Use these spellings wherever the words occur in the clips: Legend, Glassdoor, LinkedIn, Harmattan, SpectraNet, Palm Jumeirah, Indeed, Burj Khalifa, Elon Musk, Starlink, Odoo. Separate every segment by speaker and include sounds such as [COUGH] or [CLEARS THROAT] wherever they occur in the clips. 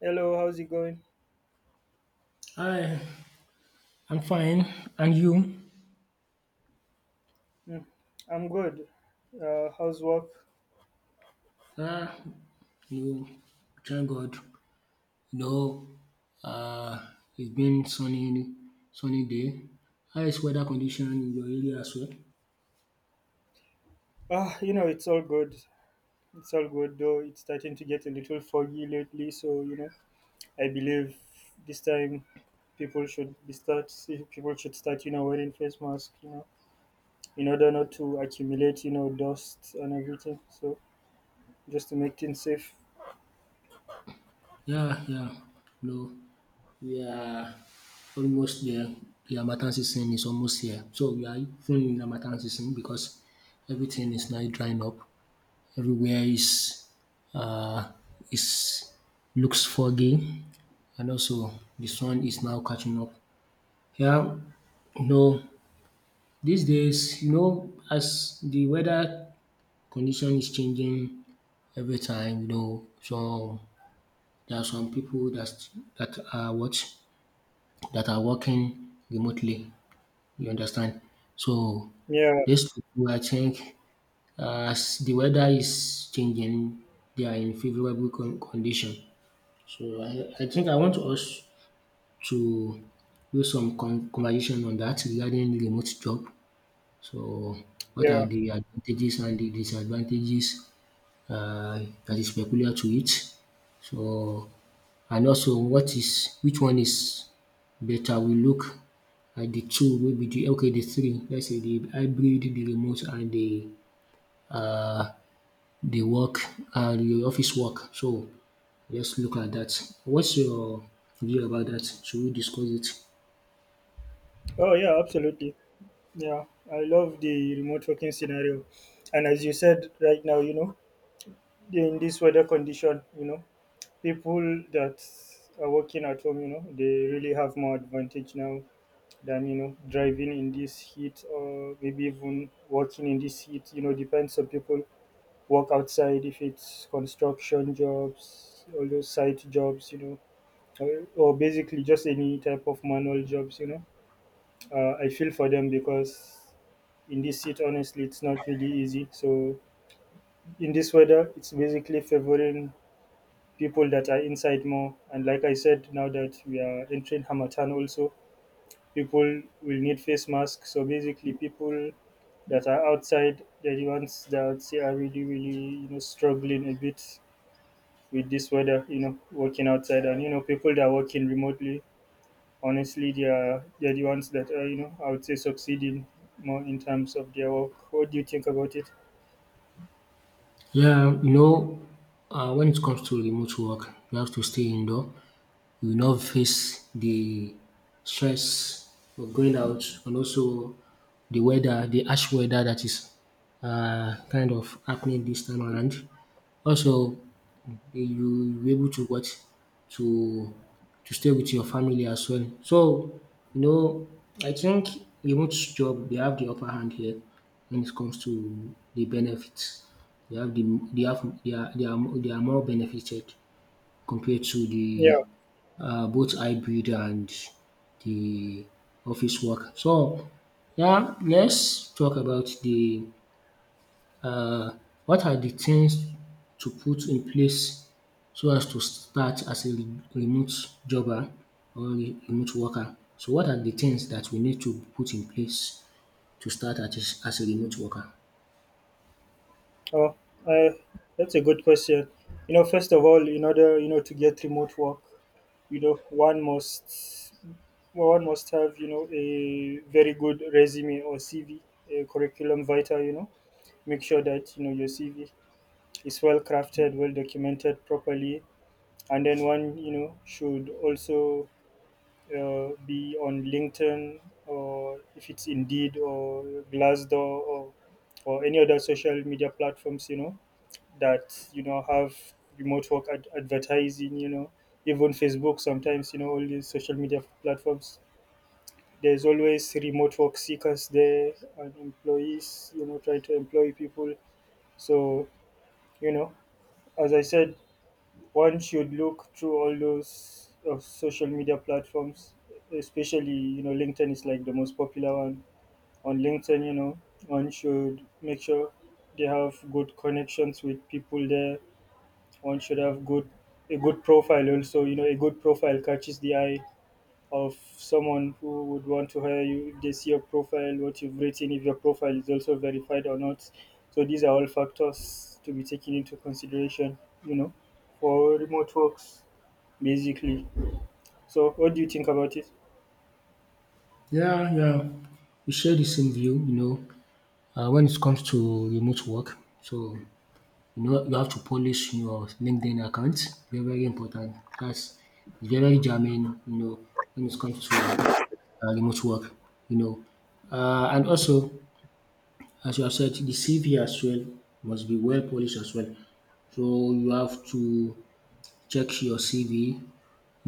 Speaker 1: Hello, how's it going?
Speaker 2: Hi, I'm fine. And you?
Speaker 1: Hmm, I'm good. How's work?
Speaker 2: Ah, you thank God. You know, uh, it's been sunny day. How is weather condition in your area as well?
Speaker 1: Ah, you know, it's all good. It's all good, though it's starting to get a little foggy lately. So I believe this time people should be start. People should start, wearing face masks, in order not to accumulate, dust and everything. So just to make things safe.
Speaker 2: Yeah, yeah. No, we are almost there. The Harmattan season is almost here. So we are even in Harmattan season because everything is now drying up. Everywhere is uh, is looks foggy, and also the sun is now catching up. Yeah, you know, these days, you know, as the weather condition is changing every time, you know, so there are some people that are what that are working remotely. You understand? So
Speaker 1: Yeah,
Speaker 2: these people, I think, as the weather is changing, they are in favorable condition. So I think I want us to do some conversation on that regarding remote job. So, what are
Speaker 1: yeah.
Speaker 2: the advantages and the disadvantages uh, that is peculiar to it? So, and also what is which one is better? We look at the two, maybe the okay, the three. Let's say the hybrid, the remote, and uh, the work and the office work. So, let's look at that. What's your view about that? Should we discuss it?
Speaker 1: Oh yeah, absolutely. Yeah, I love the remote working scenario. And as you said right now, in this weather condition, people that are working at home, they really have more advantage now than, driving in this heat or maybe even working in this heat, depends on people work outside if it's construction jobs, all those site jobs, or basically just any type of manual jobs. I feel for them because in this heat, honestly, it's not really easy. So in this weather, it's basically favoring people that are inside more. And like I said, now that we are entering Hamatan also, people will need face masks. So basically, people that are outside, they're the ones that I would say are really, really, struggling a bit with this weather, working outside. And, people that are working remotely, honestly, they're the ones that are, I would say succeeding more in terms of their work. What do you think about it?
Speaker 2: Yeah, you know, when it comes to remote work, you have to stay indoor. You will not face the stress of going out and also the weather, the harsh weather that is kind of happening this time around. Also, you you be able to what to to stay with your family as well. So you know, I think remote job they have the upper hand here when it comes to the benefits. They have the they have they are, mo- they are more benefited compared to
Speaker 1: Yeah,
Speaker 2: the both hybrid and the office work. So yeah, let's talk about the um what are the things to put in place so as to start as a remote jobber or remote worker? So what are the things that we need to put in place to start at as a remote worker?
Speaker 1: Oh, uh, that's a good question. You know, first of all, in order to get remote work, you know, one must well, one must have a very good resume or CV, a curriculum vitae. You know, make sure that your CV is well crafted, well documented properly, and then one should also be on LinkedIn or if it's Indeed or Glassdoor or or any other social media platforms. You know that have remote work advertising, you know, even Facebook sometimes, you know, all these social media platforms. There's always remote work seekers there and employees, you know, trying to employ people. So you know, as I said, one should look through all those social media platforms, especially, you know, LinkedIn is like the most popular one. On LinkedIn, you know, one should make sure they have good connections with people there. One should have good a good profile also. You know, a good profile catches the eye of someone who would want to hire you, if they see your profile, what you've written, if your profile is also verified or not. So these are all factors to be taken into consideration, you know, for remote works basically. So what do you think about it?
Speaker 2: Yeah, yeah, we share the same view, you know, when it comes to remote work. So you know you have to polish your LinkedIn account, very very important. That's very germane, you know, when it comes to remote work, you know. And also, as you have said, the CV as well must be well polished as well. So you have to check your CV.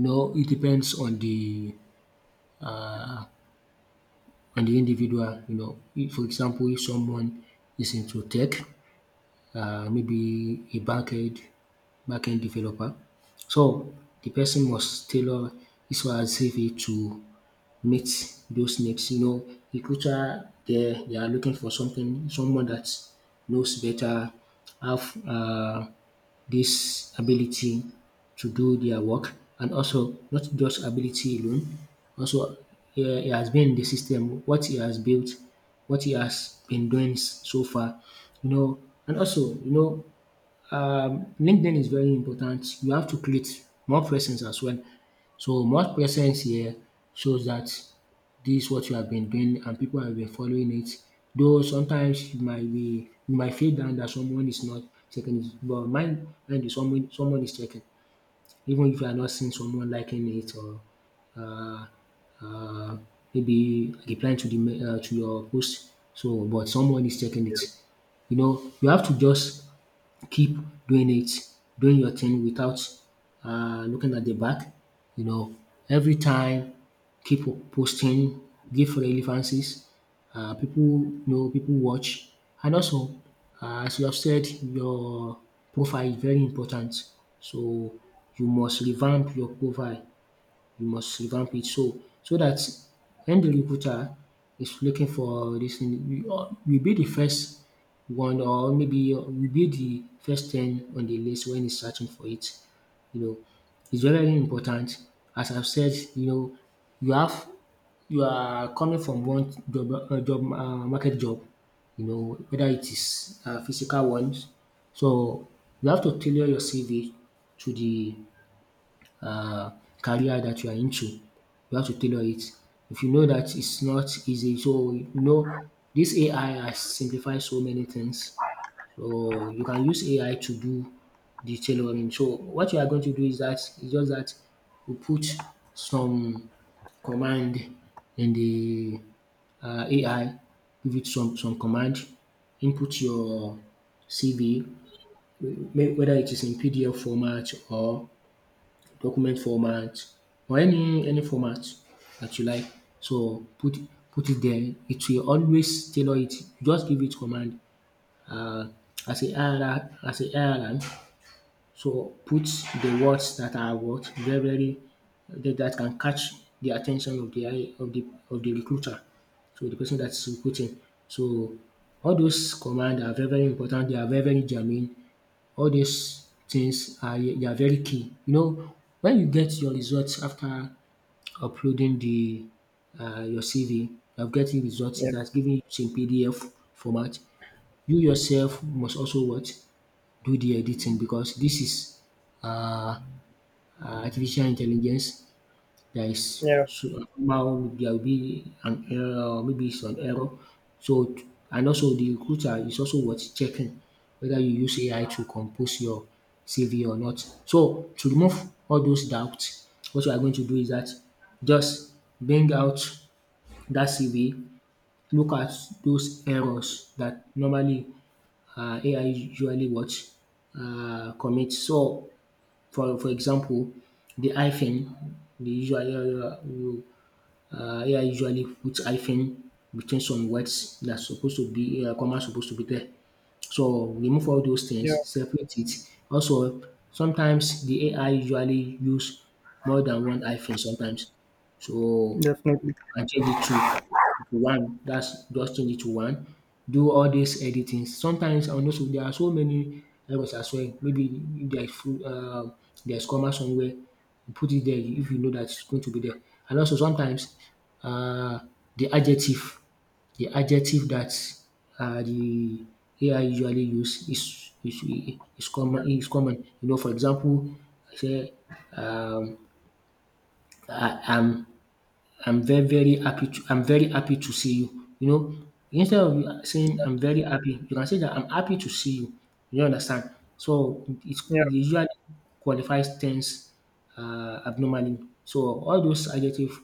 Speaker 2: No, it depends uh, on the individual. You know, if, for example, if someone is into tech, maybe a backend developer. So the person must tailor his or her CV to meet those needs. You know, recruiter they are looking for something, someone that knows better, have this ability to do their work, and also not just ability alone, also yeah, he has been in the system, what he has built, what he has been doing so far, you know, and also, you know, LinkedIn is very important. You have to create more presence as well. So more presence here shows that this is what you have been doing and people have been following it. Though sometimes you might feel down that someone is not checking it, but mine mind you, someone is checking. Even if you are not seeing someone liking it or uh, uh, maybe replying to the to your post, so but someone is checking it. You know, you have to just keep doing it, doing your thing without looking at the back. You know, every time, keep posting, give relevances. People know, people watch, and also, as you have said, your profile is very important. So you must revamp your profile you must revamp it so so that when the recruiter is looking for this thing, you be the first one, or maybe you be the first ten on the list when he's searching for it. You know, it's very very important. As I've said, you know, you have you are coming from one job job market job, you know, whether it is physical ones. So you have to tailor your CV to the uh, career that you are into. You have to tailor it. If you know that it's not easy, so you know this AI has simplified so many things. So you can use AI to do the tailoring. So what you are going to do is that it's just that you put some command in the AI, give it some command, input your CV, whether it is in PDF format or document format or any format that you like. So put it there. It will always tailor it. Just give it command um as a IRM, so put the words that are what very very that can catch the attention of the eye of the recruiter. So the person that's recruiting. So all those commands are very very important. They are very very germane. All these things are they are very key. You know when you get your results after uploading the your CV, you have getting results.
Speaker 1: Yeah,
Speaker 2: It has given you in PDF format. You yourself must also what do the editing because this is uh, artificial intelligence that is
Speaker 1: yeah,
Speaker 2: so now there will be an error, maybe it's an error. So and also the recruiter is also worth checking whether you use AI to compose your CV or not. So to remove all those doubts, what you are going to do is that just bring out that CV, look at those errors that normally AI usually what commit. So, for example, the hyphen, the usually AI usually puts hyphen between some words that's supposed to be comma supposed to be there. So remove all those
Speaker 1: yeah,
Speaker 2: things, separate it. Also, sometimes the AI usually use more than one hyphen sometimes. So
Speaker 1: definitely.
Speaker 2: and change it to one. That's just change it to one. Do all these editing. Sometimes on those there are so many errors as well. Maybe if there is full there's comma somewhere, you put it there if you know that it's going to be there. And also sometimes uh the adjective the adjective that the AI usually use is common. You know, for example, I say um I am I'm very, very happy to I'm very happy to see you. You know, instead of you saying I'm very happy, you can say that I'm happy to see you. You understand? So
Speaker 1: Yeah,
Speaker 2: it usually qualifies tense abnormally. So all those adjective,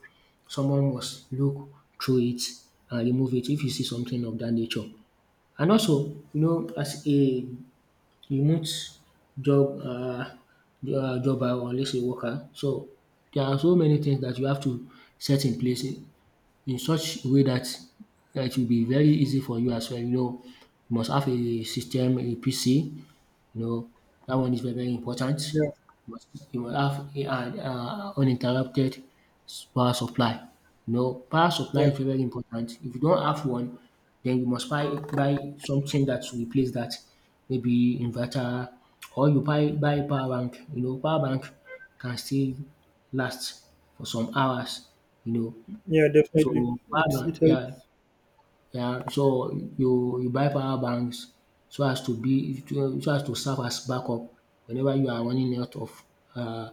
Speaker 2: someone must look through it and remove it if you see something of that nature. And also, you know, as a remote job uh, jobber, or let's say worker, so there are so many things that you have to set in place in such a way that that it will be very easy for you as well. You know, you must have a system, a PC. You know, that one is very, very important.
Speaker 1: yeah,
Speaker 2: You must have an uninterrupted power supply. You know, power supply
Speaker 1: yeah,
Speaker 2: is very, very important. If you don't have one, then you must buy something that will replace that. Maybe inverter, or you buy power bank. You know, power bank can still last for some hours. You know,
Speaker 1: yeah,
Speaker 2: so
Speaker 1: definitely.
Speaker 2: power
Speaker 1: It
Speaker 2: bank
Speaker 1: it
Speaker 2: yeah
Speaker 1: helps
Speaker 2: yeah so you buy power banks so as to so as to serve as backup whenever you are running out of um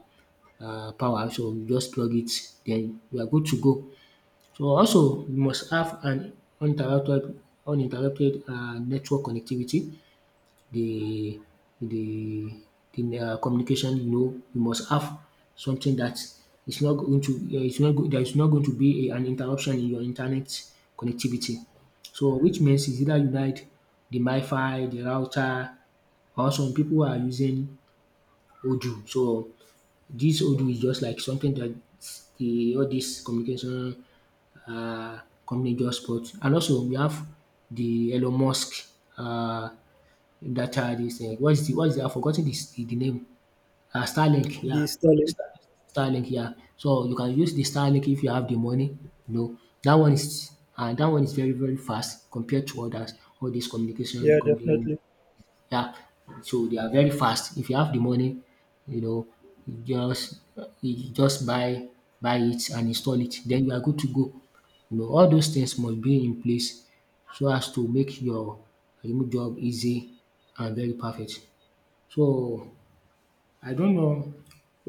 Speaker 2: power, so you just plug it, then you are good to go. So also you must have an uninterrupted uninterrupted network connectivity, the the the communication. You know you must have something that is not going to it's not go- there is not going to be an interruption in your internet connectivity. So which means is either unite the mifi, the router, or some people are using Odoo. So this Odoo is just like something that the all this communication uh company just bought. And also we have the Elon Musk uh. That, this, what is the I've forgotten this the name. Starlink, yeah.
Speaker 1: the styling.
Speaker 2: Star Starlink, yeah. So you can use the Starlink if you have the money, you know. That one is very, very fast compared to others, all these communication
Speaker 1: Yeah,
Speaker 2: company
Speaker 1: definitely.
Speaker 2: yeah, so they are very fast. If you have the money, you know, you just you just buy it and install it, then you are good to go. You know, all those things must be in place so as to make your remote job easy and very perfect. So I don't know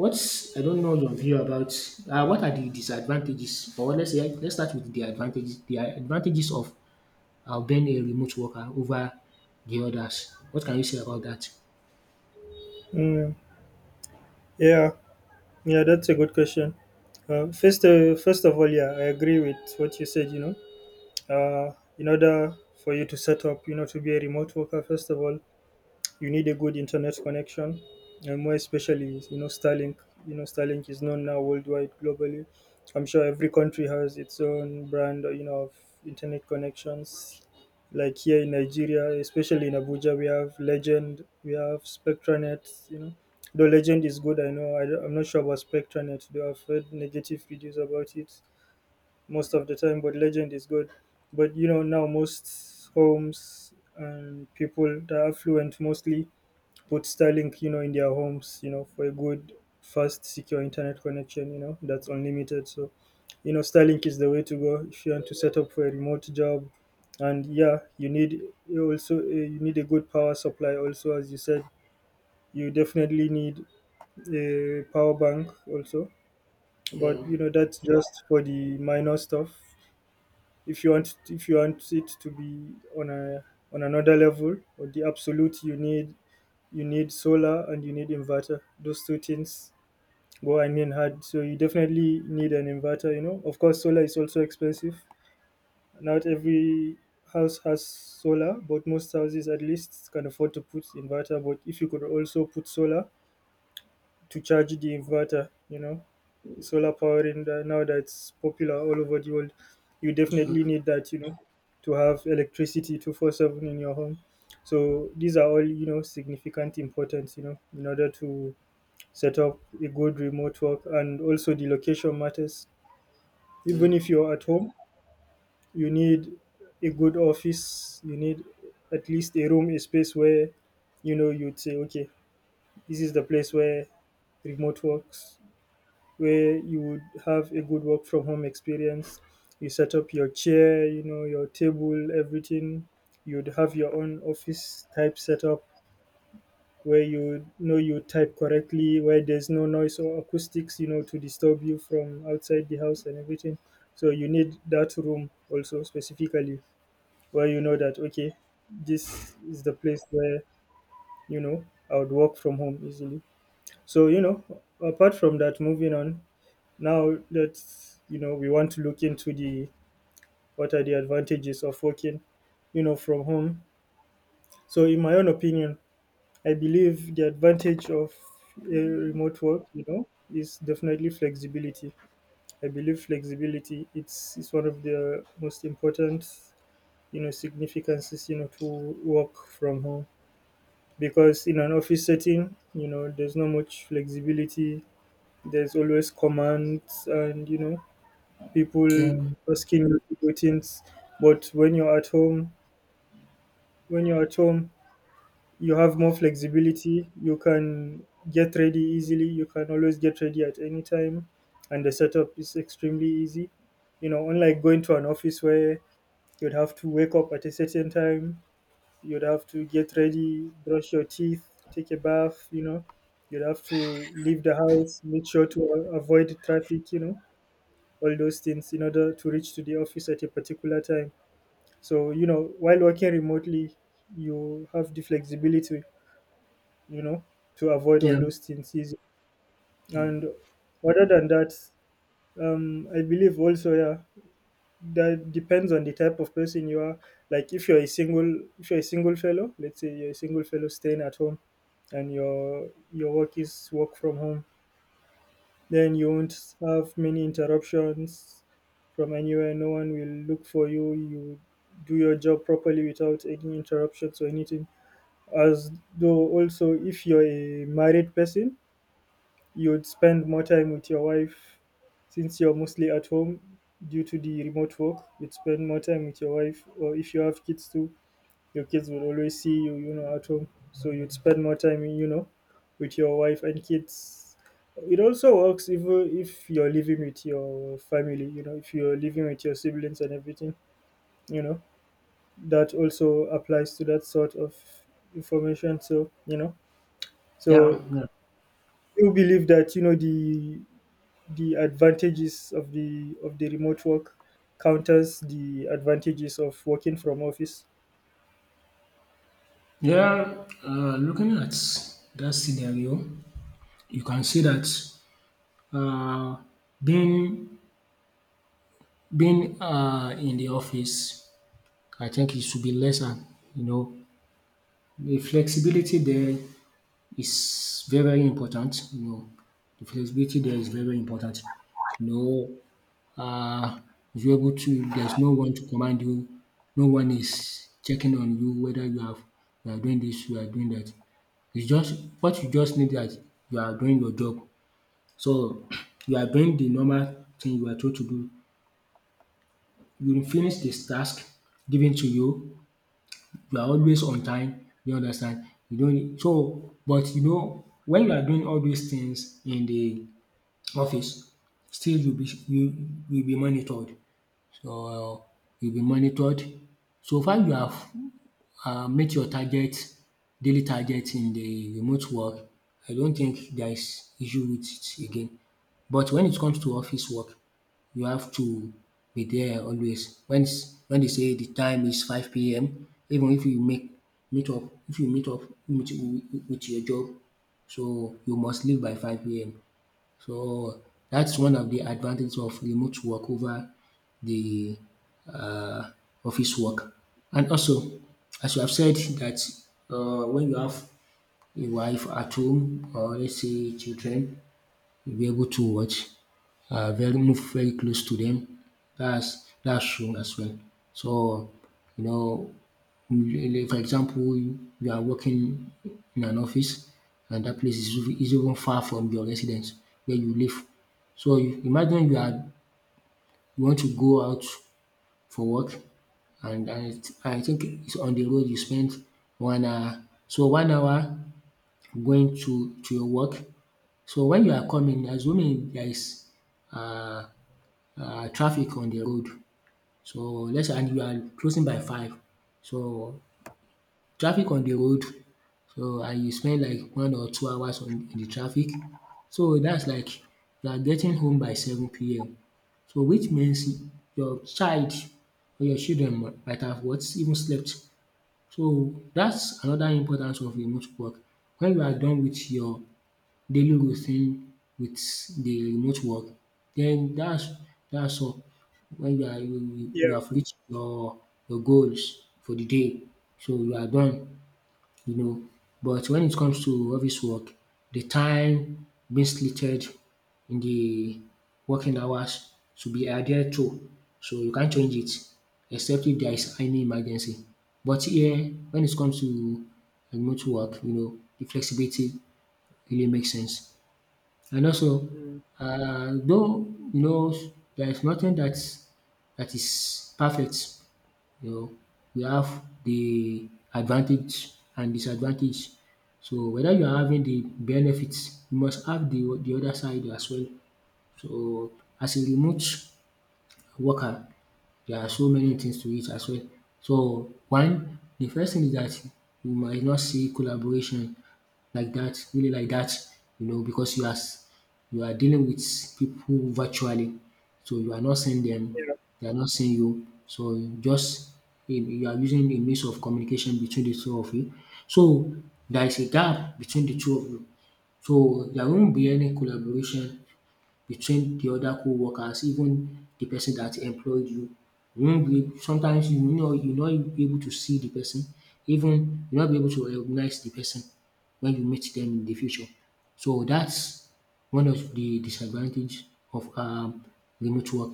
Speaker 2: I don't know your view about what are the disadvantages, or let's say let's start with the advantages, the advantages of being a remote worker over the others. What can you say about that?
Speaker 1: Mm, yeah. Yeah, that's a good question. First of all, yeah, I agree with what you said. You know, uh, in order for you to set up, you know, to be a remote worker, first of all, you need a good internet connection, and more especially, you know, Starlink. You know, Starlink is known now worldwide, globally. I'm sure every country has its own brand, you know, of internet connections. Like here in Nigeria, especially in Abuja, we have Legend, we have SpectraNet. You know, though Legend is good, I know. I'm not sure about SpectraNet. Though I've heard negative reviews about it most of the time, but Legend is good. But you know, now most homes and people that are affluent mostly put Starlink, you know, in their homes, you know, for a good, fast, secure internet connection, you know, that's unlimited. So, you know, Starlink is the way to go if you want to set up for a remote job. And yeah, you need a good power supply. Also, as you said, you definitely need a power bank also.
Speaker 2: Yeah,
Speaker 1: But you know, that's just for the minor stuff. If you want it to be on a on another level or the absolute, you need solar and you need inverter. Those two things go hand in hand. So you definitely need an inverter, you know. Of course, solar is also expensive. Not every house has solar, but most houses at least can afford to put inverter. But if you could also put solar to charge the inverter, you know, solar powering the, now that's popular all over the world, you definitely need that, you know, to have electricity 24/7 in your home. So these are all, you know, significant importance, you know, in order to set up a good remote work. And also the location matters.
Speaker 2: yeah,
Speaker 1: Even if you're at home, you need a good office, you need at least a room, a space where, you know, you'd say, okay, this is the place where remote works, where you would have a good work from home experience. You set up your chair, you know, your table, everything. You'd have your own office type setup where, you know, you type correctly, where there's no noise or acoustics, you know, to disturb you from outside the house and everything. So you need that room also specifically, where you know that, okay, this is the place where, you know, I would work from home easily. So you know, apart from that, moving on, now let's, you know, we want to look into the, what are the advantages of working, you know, from home. So in my own opinion, I believe the advantage of a remote work, you know, is definitely flexibility. I believe flexibility, it's one of the most important, you know, significances, you know, to work from home. Because in an office setting, you know, there's not much flexibility. There's always commands and, you know,
Speaker 2: yeah,
Speaker 1: people asking you to do things. But when you're at home, when you're at home, you have more flexibility. You can get ready easily, you can always get ready at any time, and the setup is extremely easy, you know, unlike going to an office where you'd have to wake up at a certain time, you'd have to get ready, brush your teeth, take a bath, you know, you'd have to leave the house, make sure to avoid traffic, you know, all those things in order to reach to the office at a particular time. So you know, while working remotely, you have the flexibility, you know, to avoid all
Speaker 2: yeah,
Speaker 1: those things easy.
Speaker 2: yeah,
Speaker 1: And other than that, I believe also, yeah, that depends on the type of person you are. Like if you're a single fellow, let's say you're a single fellow staying at home, and your work is work from home, then you won't have many interruptions from anywhere. No one will look for you. You do your job properly without any interruptions or anything. As though also if you're a married person, you would spend more time with your wife, since you're mostly at home due to the remote work. You'd spend more time with your wife, or if you have kids too, your kids will always see you, you know, at home, so you'd spend more time, you know, with your wife and kids. It also works even if you're living with your family, you know, if you're living with your siblings and everything. You know, that also applies to that sort of information. So you know,
Speaker 2: yeah,
Speaker 1: so
Speaker 2: yeah.
Speaker 1: you believe that, you know, the advantages of the remote work counters the advantages of working from office.
Speaker 2: Yeah, looking at that scenario, you can see that uh, being being in the office, I think it should be lesser, you know. The flexibility there is very, very important, you know. The flexibility there is very, very important. You know, uh, if you're able to, there's no one to command you. No one is checking on you whether you are doing this, you are doing that. It's just what you just need, that you are doing your job. So [CLEARS THROAT] you are doing the normal thing you are told to do. You will finish this task given to you, you are always on time, you understand. You no need so, but you know, when you are doing all these things in the office, still you will be monitored. So you will be monitored so far you have meet your target, daily target. In the remote work, I don't think there is issue with it again. But when it comes to office work, you have to be there always. When they say the time is 5 p.m., even if you make meet up, if you meet up with, with your job, so you must leave by 5 p.m. So, that's one of the advantages of remote work over the uh, office work. And also, as you have said that when you have a wife at home, or let's say children, you'll be able to watch, very move very close to them. That's true as well. So you know, really, for example, you are working in an office, and that place is even far from your residence where you live. So you, imagine you are you want to go out for work, and I think it's on the road you spend 1 hour. So 1 hour going to your work, so when you are coming, assuming there is um traffic on the road, so let's say, and you are closing by 5, so traffic on the road, so and you spend like 1 or 2 hours on the traffic, so that's like you are getting home by 7 pm, so which means your child or your children might have what even slept. So that's another importance of remote work. When you are done with your daily routine with the remote work, then that's all. When
Speaker 1: Yeah,
Speaker 2: you have reached your goals for the day, so you are done, you know. But when it comes to office work, the time being slated in the working hours should be adhered to, so you can't change it except if there is any emergency. But here, when it comes to remote work, you know, the flexibility really makes sense. And also,
Speaker 1: mm,
Speaker 2: though you know there is nothing that is perfect, you know, we have the advantage and disadvantage. So whether you are having the benefits, you must have the other side as well. So as a remote worker, there are so many things to it as well. So one, the first thing is that you might not see collaboration like that, really like that, you know, because you are dealing with people virtually, so you are not seeing them,
Speaker 1: yeah,
Speaker 2: they are not seeing you. So you are using a means of communication between the two of you. So there is a gap between the two of you. So there won't be any collaboration. You train the other co-workers, even the person that employed you. You won't be, sometimes you know, you no be able to see the person, even you no be able to recognize the person when you meet them in the future. So that's one of the disadvantage of remote work.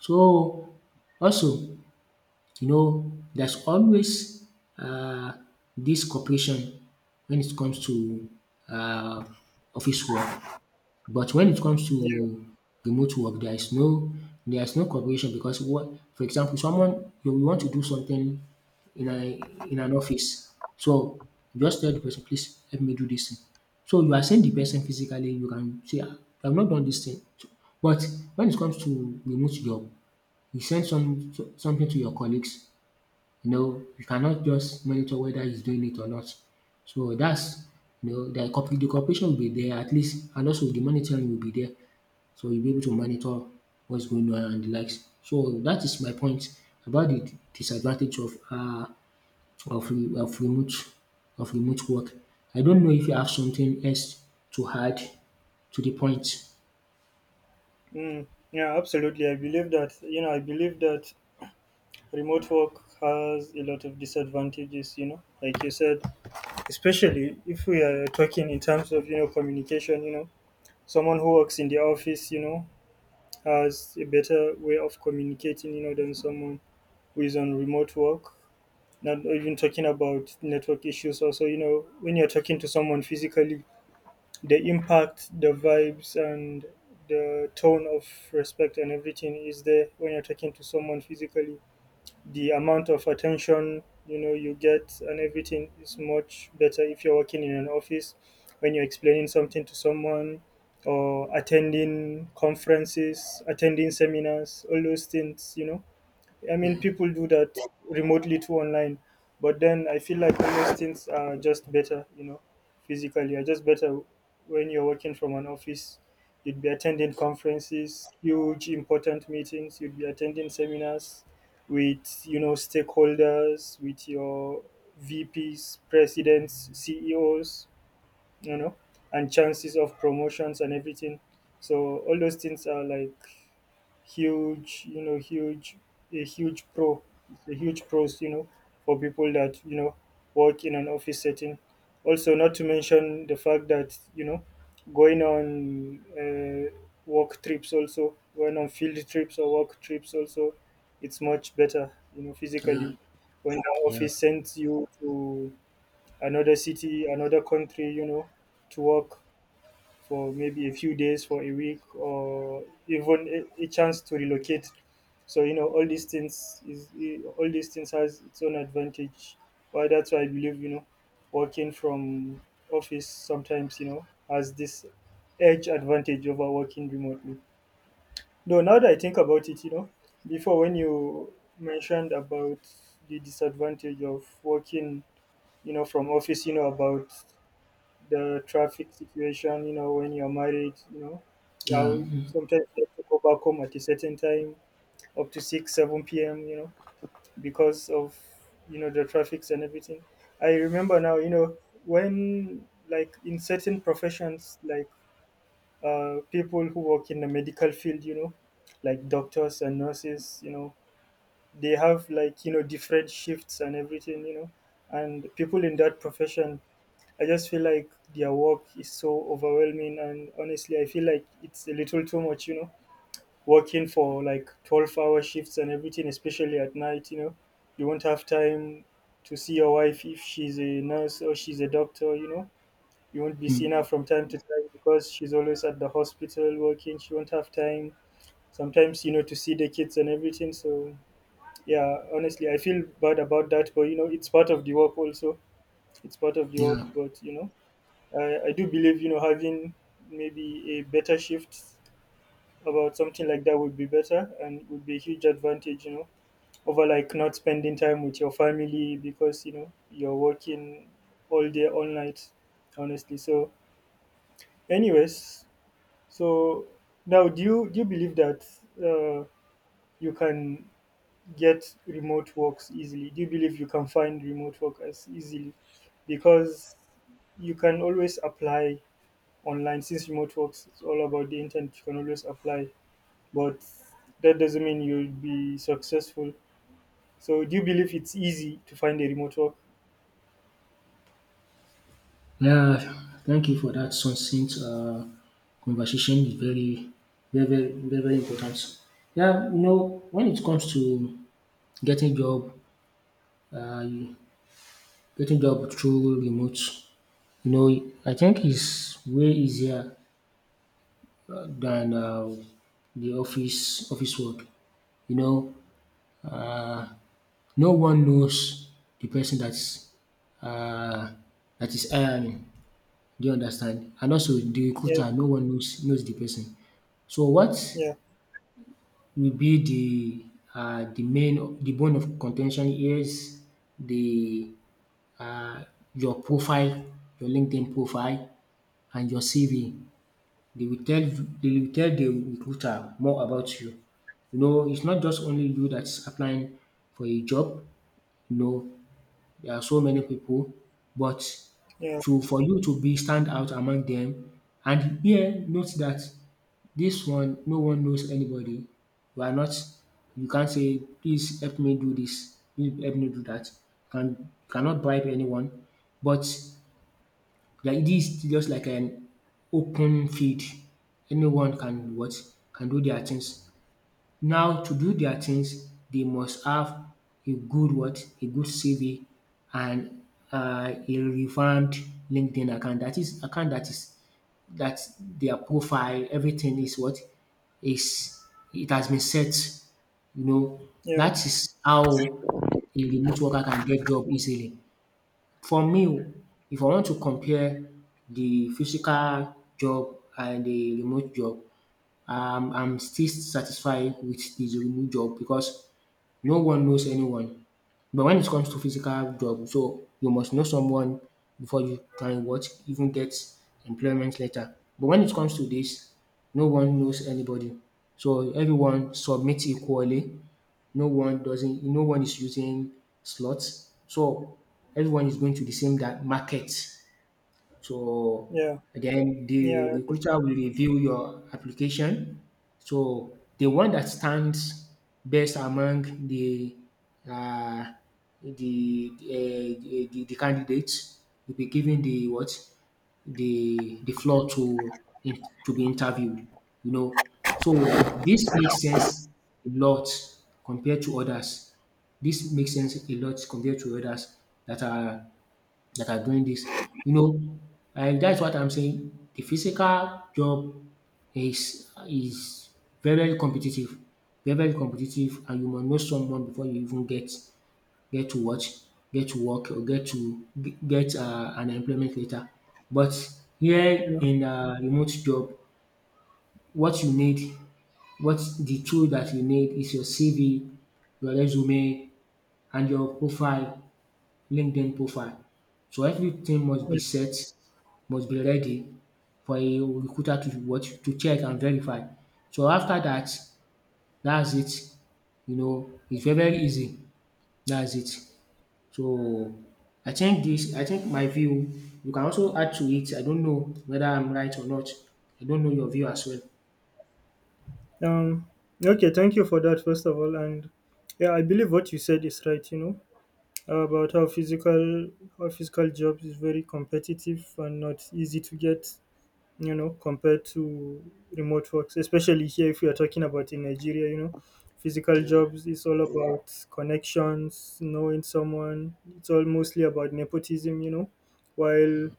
Speaker 2: So also, you know, there's always uh this cooperation when it comes to uh office work. But when it comes to
Speaker 1: yeah,
Speaker 2: remote work, there is no cooperation because what, for example, someone you will want to do something in a in an office. So you just tell the person, please help me do this thing. So you are seeing the person physically, you can say, "Ah, I have not done this thing." But when it comes to remote job, you send something to your colleagues, you know, you cannot just monitor whether he's doing it or not. So that's, you know, the cooperation will be there at least, and also the monitoring will be there. So you'll be able to monitor what's going on and the likes. So that is my point about the disadvantage of of, re- of remote remote work. I don't know if you have something else to add to the point.
Speaker 1: mm, yeah, absolutely. I believe that, you know, I believe that remote work has a lot of disadvantages, you know, like you said, especially if we are talking in terms of, you know, communication, you know. Someone who works in the office, you know, has a better way of communicating, you know, than someone who is on remote work. Not even talking about network issues also, you know, when you're talking to someone physically, the impact, the vibes, and the tone of respect and everything is there. When you're talking to someone physically, the amount of attention, you know, you get and everything is much better if you're working in an office. When you're explaining something to someone, or attending conferences, attending seminars, all those things, you know, I mean,
Speaker 2: Yeah,
Speaker 1: people do that remotely too, online, but then I feel like all those things are just better, you know, physically are just better when you're working from an office. You'd be attending conferences, huge important meetings. You'd be attending seminars with, you know, stakeholders, with your VPs, presidents, CEOs, you know, and chances of promotions and everything. So all those things are like huge, you know, huge, a huge pro, a huge pros, you know, for people that work in an office setting. Also, not to mention the fact that going on uh, going on field trips or work trips also, it's much better, you know,
Speaker 2: yeah,
Speaker 1: physically. When the
Speaker 2: yeah,
Speaker 1: office sends you to another city, another country, you know, to work, for maybe a few days, for a week, or even a chance to relocate. So you know, all these things has its own advantage. Why that's why I believe you know, working from office sometimes you know has this edge advantage over working remotely. Though now that I think about it, you know, before when you mentioned about the disadvantage of working, you know, from office, you know, about the traffic situation, you know, when you're married, you know,
Speaker 2: yeah,
Speaker 1: how sometimes you have to go back home at a certain time, up to 6, 7 p.m., you know, because of, you know, the traffics and everything. I remember now, you know, when, like, in certain professions, like people who work in the medical field, you know, like doctors and nurses, you know, they have, like, you know, different shifts and everything, you know, and people in that profession I just feel like their work is so overwhelming, and honestly, I feel like it's a little too much, you know, working for like 12-hour shifts and everything, especially at night, you know. You won't have time to see your wife if she's a nurse or she's a doctor, you know. You won't be seeing her from time to time because she's always at the hospital working. She won't have time sometimes, you know, to see the kids and everything. So, yeah, honestly, I feel bad about that, but you know, it's part of the work also. It's part of the work,
Speaker 2: yeah.
Speaker 1: but you know I do believe you know having maybe a better shift about something like that would be better and would be a huge advantage you know over like not spending time with your family because you know you're working all day all night honestly so anyways so now do you believe that uh, you can get remote works easily, do you believe you can find remote workers easily because you can always apply online since remote works it's all about the internet you can always apply but that doesn't mean you'll be successful so do you believe it's easy to find a remote work.
Speaker 2: Yeah, thank you for that succinct conversation. Is very, very, very, very, very important. Yeah, you know, when it comes to getting job, uh, getting job through remote, you know, I think it's way easier than the office work. You know, uh, no one knows the person uh, that is hiring. Do you understand? And also the
Speaker 1: Yeah,
Speaker 2: recruiter, no one knows the person. So what
Speaker 1: yeah,
Speaker 2: will be the main, the bone of contention, is the uh your profile, your LinkedIn profile and your CV. They will tell they will tell the recruiter more about you. You know, it's not just only you that's applying for a job, you know there are so many people, but
Speaker 1: yeah,
Speaker 2: to for you to be stand out among them. And here note that this one, no one knows anybody. You are not You can't say please help me do this, please help me do that. Cannot bribe anyone, but like, this is just like an open field. Anyone can what, can do their things. Now to do their things, they must have a good what? A good CV and a revamped LinkedIn account. That is account that is that Their profile, everything is what, is, it has been set. You know,
Speaker 1: yeah,
Speaker 2: that is how a remote worker can get job easily. For me, if I want to compare the physical job and the remote job, I'm still satisfied with the remote job because no one knows anyone. But when it comes to physical job, so you must know someone before you can what even get employment later. But when it comes to this, no one knows anybody. So everyone submits equally, no one doesn't no one is using slots. So everyone is going to the same that market. So
Speaker 1: yeah,
Speaker 2: then
Speaker 1: yeah,
Speaker 2: the
Speaker 1: I
Speaker 2: recruiter
Speaker 1: understand.
Speaker 2: will review your application. So the one that stands best among the uh, the candidates will be given the what, the floor to to be interviewed. You know, so this makes sense a lot compared to others. This makes sense a lot compared to others that are doing this. You know, and that's what I'm saying. The physical job is very, very competitive, very, very competitive, and you must know someone before you even get to what, get to work, or get an employment later. But here
Speaker 1: Yeah,
Speaker 2: in a remote job, what you need, what the tool that you need is your CV, your resume, and your profile, LinkedIn profile. So everything must
Speaker 1: yeah.
Speaker 2: be set, must be ready for a recruiter to watch, to check and verify. So after that, that's it. You know, it's very very easy. That's it. So I think my view, you can also add to it. I don't know whether I'm right or not. I don't know your view as well.
Speaker 1: um okay, thank you for that first of all, and yeah I believe what you said is right you know about how physical jobs is very competitive and not easy to get you know, compared to remote works, especially here if we are talking about in Nigeria, you know, physical
Speaker 2: Yeah,
Speaker 1: jobs is all about connections, knowing someone. It's all mostly about nepotism, you know, while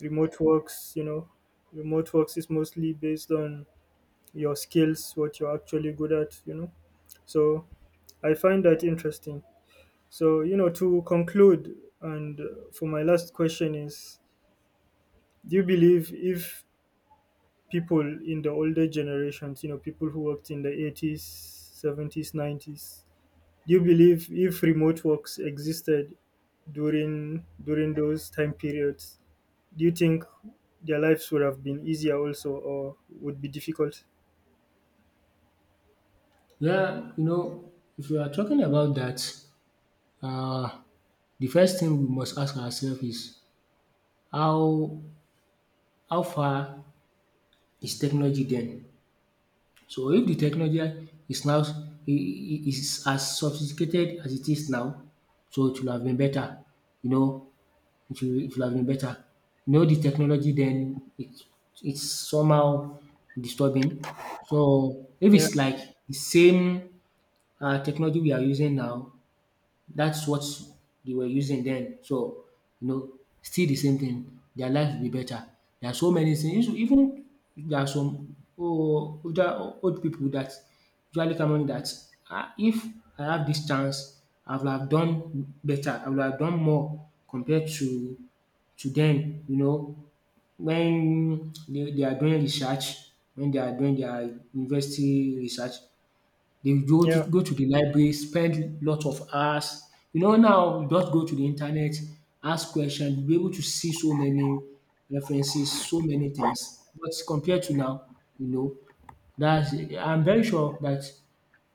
Speaker 1: remote works, you know, remote works is mostly based on your skills, what you're actually good at, you know. So I find that interesting. So, you know, to conclude, and for my last question is do you believe if people in the older generations, you know, people who worked in the 80s, 70s, 90s. Do you believe if remote works existed during those time periods, do you think their lives would have been easier also or would be difficult?
Speaker 2: yeah, you know, if we are talking about that, uh, the first thing we must ask ourselves is how how far is technology then. So if the technology is now, is as sophisticated as it is now, so it will have been better. You know, it will have been better. You know, the technology then, it's somehow disturbing. So if
Speaker 1: Yeah,
Speaker 2: it's like the same technology we are using now, that's what they were using then. So, you know, still the same thing. Their life will be better. There are so many things. Even there are some old, older old people that usually come on that, ah, if I have this chance, I will have done better. I will have done more compared to them. You know, when they are doing research, when they are doing their university research, they go to
Speaker 1: yeah,
Speaker 2: go to the library, spend lot of hours. You know, now you just go to the internet, ask question, you be able to see so many references, so many things. But compared to now, you know, that's, I'm very sure that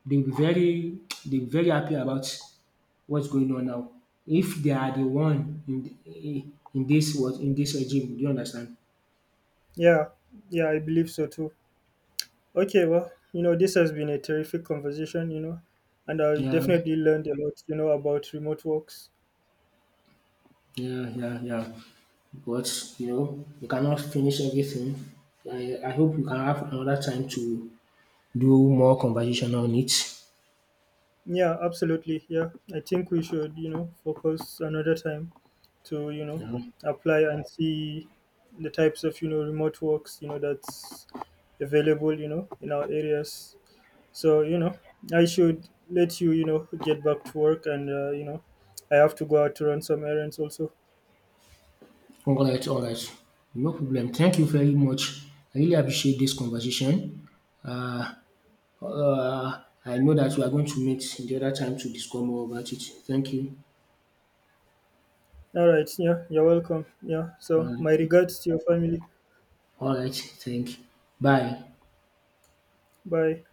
Speaker 2: they'll be very [TSK] they'll be very happy about what's going on now. If they are the one in this was in this regime, do you understand?
Speaker 1: yeah, yeah, I believe so too. Okay, well, you know, this has been a terrific conversation, you know, and I
Speaker 2: Yeah.
Speaker 1: definitely learned a lot, you know, about remote works.
Speaker 2: Yeah, yeah, yeah. But you know, you cannot finish everything. I hope you can have another time to do more conversation on it.
Speaker 1: Yeah, absolutely. Yeah, I think we should, you know, focus another time to, you know,
Speaker 2: Yeah.
Speaker 1: apply and see the types of, you know, remote works, you know, that's available, you know, in our areas. So, you know, I should let you, you know, get back to work and, you know, I have to go out to run some errands also.
Speaker 2: All right, all right. No problem. Thank you very much. I really appreciate this conversation. Uh, I know that we are going to meet in the other time to discuss more about it. Thank you.
Speaker 1: All right. Yeah, you're welcome. Yeah. So, my
Speaker 2: Um,
Speaker 1: regards to your family.
Speaker 2: all right. Thank. You. Bye.
Speaker 1: Bye.